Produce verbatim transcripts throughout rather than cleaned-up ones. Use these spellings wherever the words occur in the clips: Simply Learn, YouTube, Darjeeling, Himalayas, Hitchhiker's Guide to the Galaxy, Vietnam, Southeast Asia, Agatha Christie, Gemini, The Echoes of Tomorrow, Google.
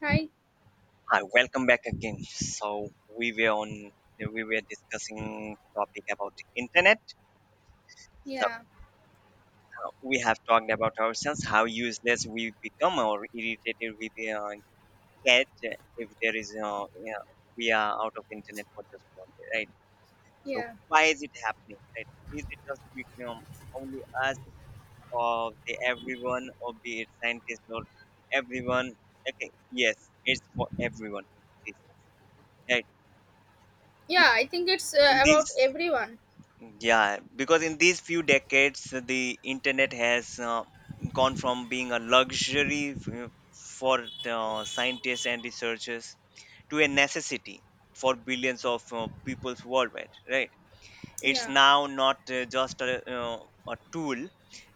Hi. Hi, welcome back again. So we were on we were discussing topic about internet. So Yeah. uh, we have talked about ourselves, how useless we become or irritated we uh, get if there is uh, yeah, we are out of internet for just one day, right? So Yeah. why is it happening? Right? Is it just we, you know, only us or the everyone or be it scientists or everyone? Okay, yes, it's for everyone these days, right? Yeah. I think it's uh, in about these everyone. yeah because in these few decades the internet has uh, gone from being a luxury f- uh, for uh, scientists and researchers, to a necessity for billions of uh, peoples worldwide, right? It's Yeah. now not uh, just a, uh, a tool.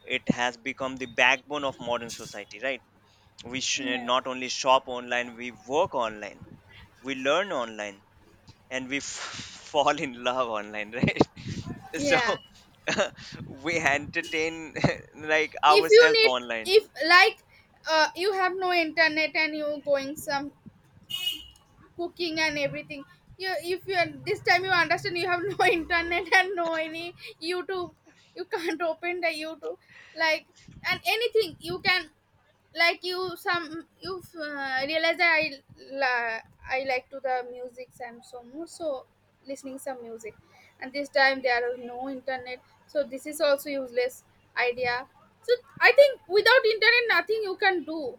It has become the backbone of modern society, right? we sh- Yeah. not only shop online, we work online, we learn online, and we f- fall in love online, right? So Yeah. we entertain like If you ourselves need, online. if like, uh, you have no internet and you going some cooking and everything. You, if you are- this time you understand you have no internet and no any YouTube, you can't open the YouTube, like, and anything you can, like you some you've uh, realized that I la- I like to the music and so more so listening some music and this time there are no internet, so this is also useless idea. So I think without internet nothing you can do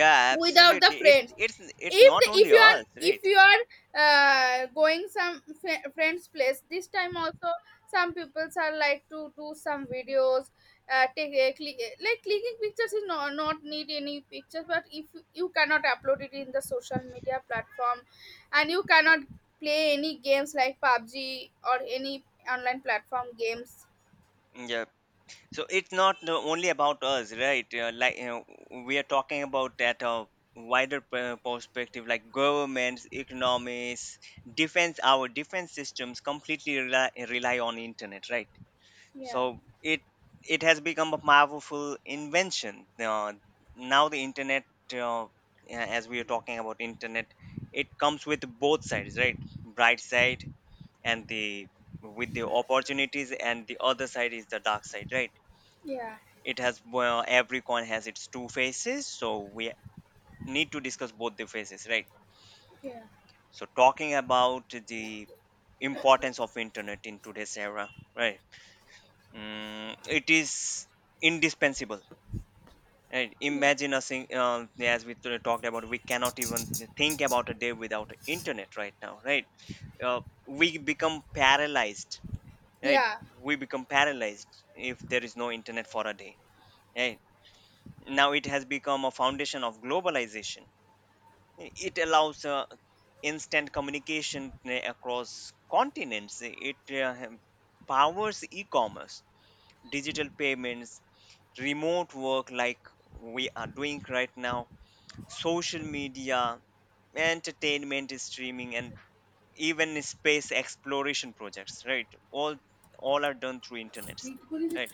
Yeah, without the absolutely, it's friends. it's it's If not the, if only you are, us, right? if you are uh, going some fri- friends place, this time also some peoples are like to do some videos, uh, take a click, like clicking pictures is not, not need any pictures, but if you cannot upload it in the social media platform and you cannot play any games like pubg or any online platform games. Yeah, so it's not the only about us, right? Uh, like you know, we are talking about that uh, wider per- perspective, like governments, economies, defense, our defense systems completely rely, rely on internet, right? Yeah, So it it has become a powerful invention. Uh, now the internet, uh, as we are talking about internet, it comes with both sides, right? Bright side and the with the opportunities, and the other side is the dark side, right? yeah, it has Well, every coin has its two faces, so we need to discuss both the faces, right? yeah, So talking about the importance of internet in today's era, right? Mm, it is indispensable. And yeah, imagine us, in, um, as we t- talked about, we cannot even think about a day without internet right now, right? Uh, we become paralyzed, right? yeah. We become paralyzed if there is no internet for a day, right? Now it has become a foundation of globalization. It allows uh, instant communication uh, across continents. It uh, hem- powers e-commerce, digital payments, remote work, like we are doing right now, social media, entertainment streaming, and even space exploration projects, right? All all are done through internet, right?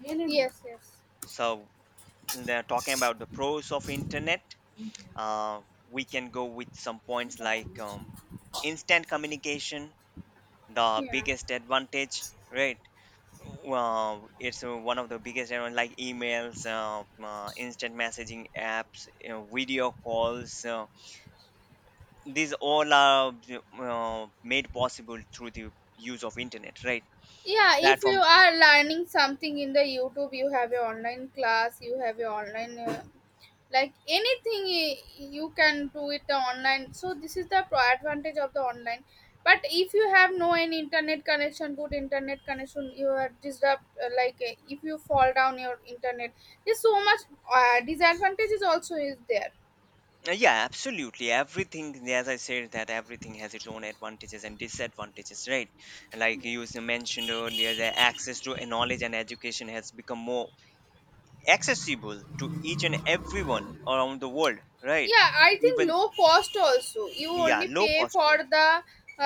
Yeah, no, no. Yes, yes. So they're talking about the pros of internet. Uh, we can go with some points like, um, instant communication, the Yeah, biggest advantage, right? Well, it's uh, one of the biggest, you know, like emails, uh, uh, instant messaging apps, you know, video calls. Uh, these all are uh, made possible through the use of internet, right? yeah, if you Platforms. are learning something in the youtube, you have your online class, you have your online uh, like anything y- you can do it online. So this is the pro- advantage of the online. But if you have no any internet connection, good internet connection, you are disturbed, uh, like, uh, if you fall down your internet, there's so much uh, disadvantages also is there. Uh, yeah, absolutely, everything, as I said, that everything has its own advantages and disadvantages, right? Like you s- mentioned earlier, the access to knowledge and education has become more accessible to each and everyone around the world, right? Yeah, I think Even, low cost also, you yeah, only low pay cost. for the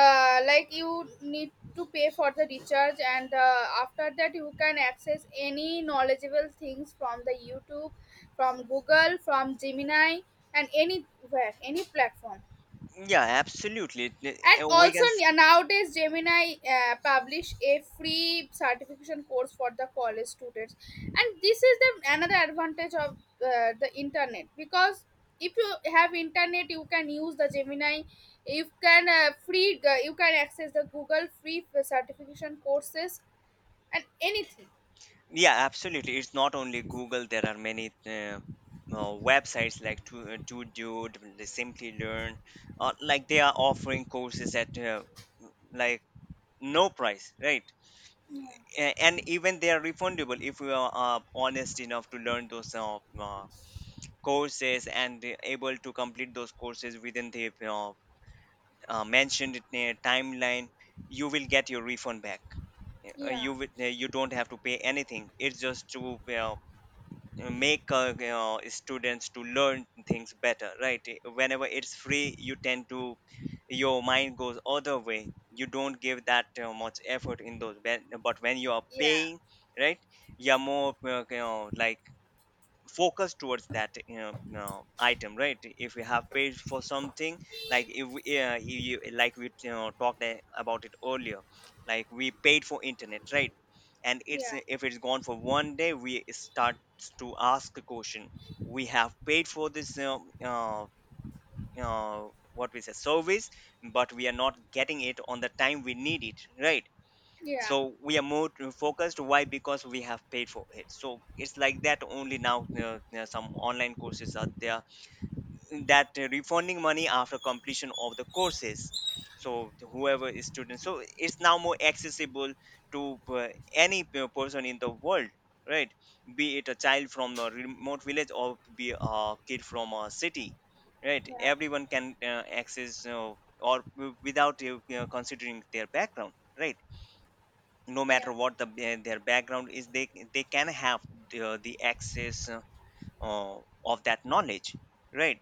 uh, like you need to pay for the recharge, and uh, after that you can access any knowledgeable things from the youtube, from google, from gemini, and anywhere, any platform. Loans, yeah, absolutely. And Uh, we also can n- nowadays, Gemini uh, publish a free certification course for the college students, and this is the another advantage of uh, the internet, because if you have internet, you can use the Gemini. You can uh, free uh, you can access the Google free certification courses and anything. Yeah, absolutely. It's not only Google. There are many uh, uh, websites, like, to uh, to do Simply Learn, uh, like they are offering courses at uh, like no price, right? A- And even they are refundable if you are uh, honest enough to learn those uh, uh, courses, and uh, able to complete those courses within the uh, uh, mentioned uh, timeline. You will get your refund back. Uh, Yeah, You will- uh, you don't have to pay anything. It's just to uh, uh, make, uh, you know, students to learn things better, right? Whenever it's free, you tend to your mind goes other way, you don't give that uh, much effort in those when- but when you are yeah, paying, right? You're more uh, you know, like, focus towards that, you know, you know, item, right? If you have paid for something, like, if we, uh, you, you like we you know, talked a- about it earlier. Like we paid for internet, right? and it's yeah, if it's gone for one day, we start to ask a question. We have paid for this, uh, uh, uh, what we say, service, but we are not getting it on the time we need it, right? yeah, So we are more to- focused, why? Because we have paid for it, so it's like that only. Now, uh, uh, some online courses are there that uh, refunding money after completion of the courses. So whoever is student, so it's now more accessible to uh, any p- person in the world, right? Be it a child from a remote village or be a kid from a city, right? yeah, Everyone can uh, access, uh, or w- without uh, considering their background, right? No yeah, matter what the ba- their background is, they they can have the, the access uh, uh, of that knowledge, right?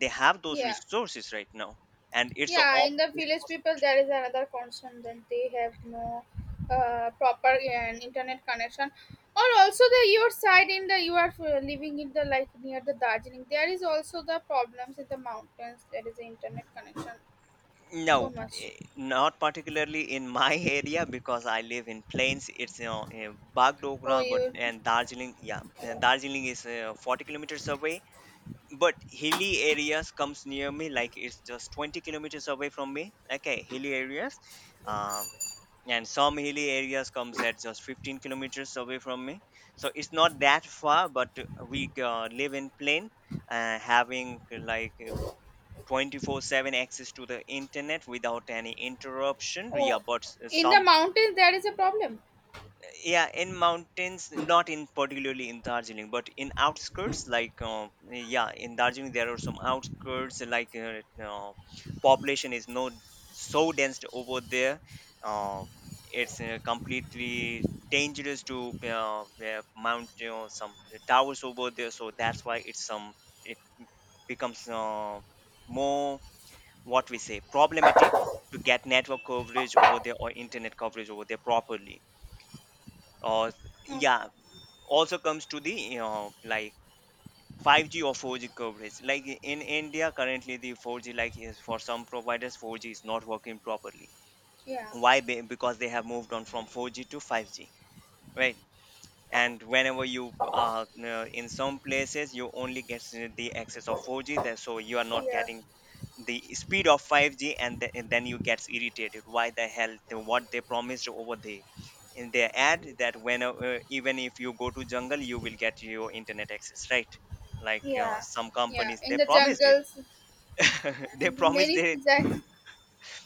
They have those yeah. resources right now. And it's a Yeah, all in the village people, there is another concern that they have no uh, proper uh, internet connection. Or also the your side in the you are uh, living in the like near the Darjeeling, there is also the problems in the mountains. There is internet connection No, so much. eh, not particularly in my area, because I live in plains. It's, you know eh, Bagdogra, Oh, but you. and Darjeeling, yeah, eh, Darjeeling is uh, forty kilometers away. But hilly areas comes near me, like it's just twenty kilometers away from me. Okay, hilly areas. Uh, and some hilly areas comes at just fifteen kilometers away from me, so it's not that far, but we uh, live in plain, uh, having like uh, twenty-four seven access to the internet without any interruption. Yeah, Oh, but s- in the some mountains there is a problem. yeah in mountains, not in particularly in Darjeeling, but in outskirts, like, uh, yeah, in Darjeeling there are some outskirts, like, uh, uh, population is not so dense over there. uh, it's uh, completely dangerous to uh, uh, mount, you know, some towers over there. So that's why it's some it becomes uh, more, what we say, problematic to get network coverage over there, or internet coverage over there properly, or Okay. yeah also comes to the, you know like, five G or four G coverage, like in India currently, the four G, like, is for some providers, four G is not working properly. Yeah, Why? Be- because they have moved on from four G to five G, right? And whenever you uh, uh, in some places you only get the access of four G there, so you are not yeah, getting the speed of five G, and, th- and then you get irritated. Why the hell the- what they promised over there in their ad, that when uh, uh, even if you go to jungle, you will get your internet access, right? Like, uh, yeah, some yeah. companies In they the promised it. jungles, They and promised many that, that,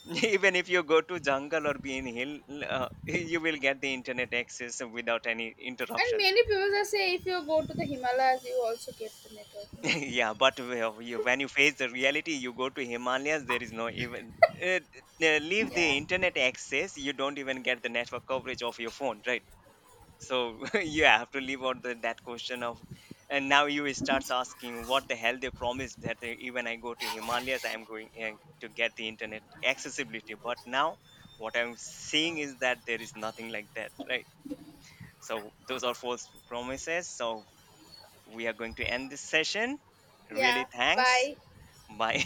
even if you go to jungle or be in hill, uh, you will get the internet access without any and interruptions. many people are say if you go to the Himalayas, you also get the network. Yeah, but whe- you- when you face the reality, you go to Himalayas, there is no even uh, uh, leave the Yeah. internet access, you don't even get the network coverage of your phone, right? So you have to leave out the, that question of, and now you starts asking what the hell they promised, that uh, even I go to Himalayas, I am going uh, to get the internet accessibility. But now what I'm seeing is that there is nothing like that, right? So those are false promises. So we are going to end this session. Really, Yeah. thanks. Bye. Bye.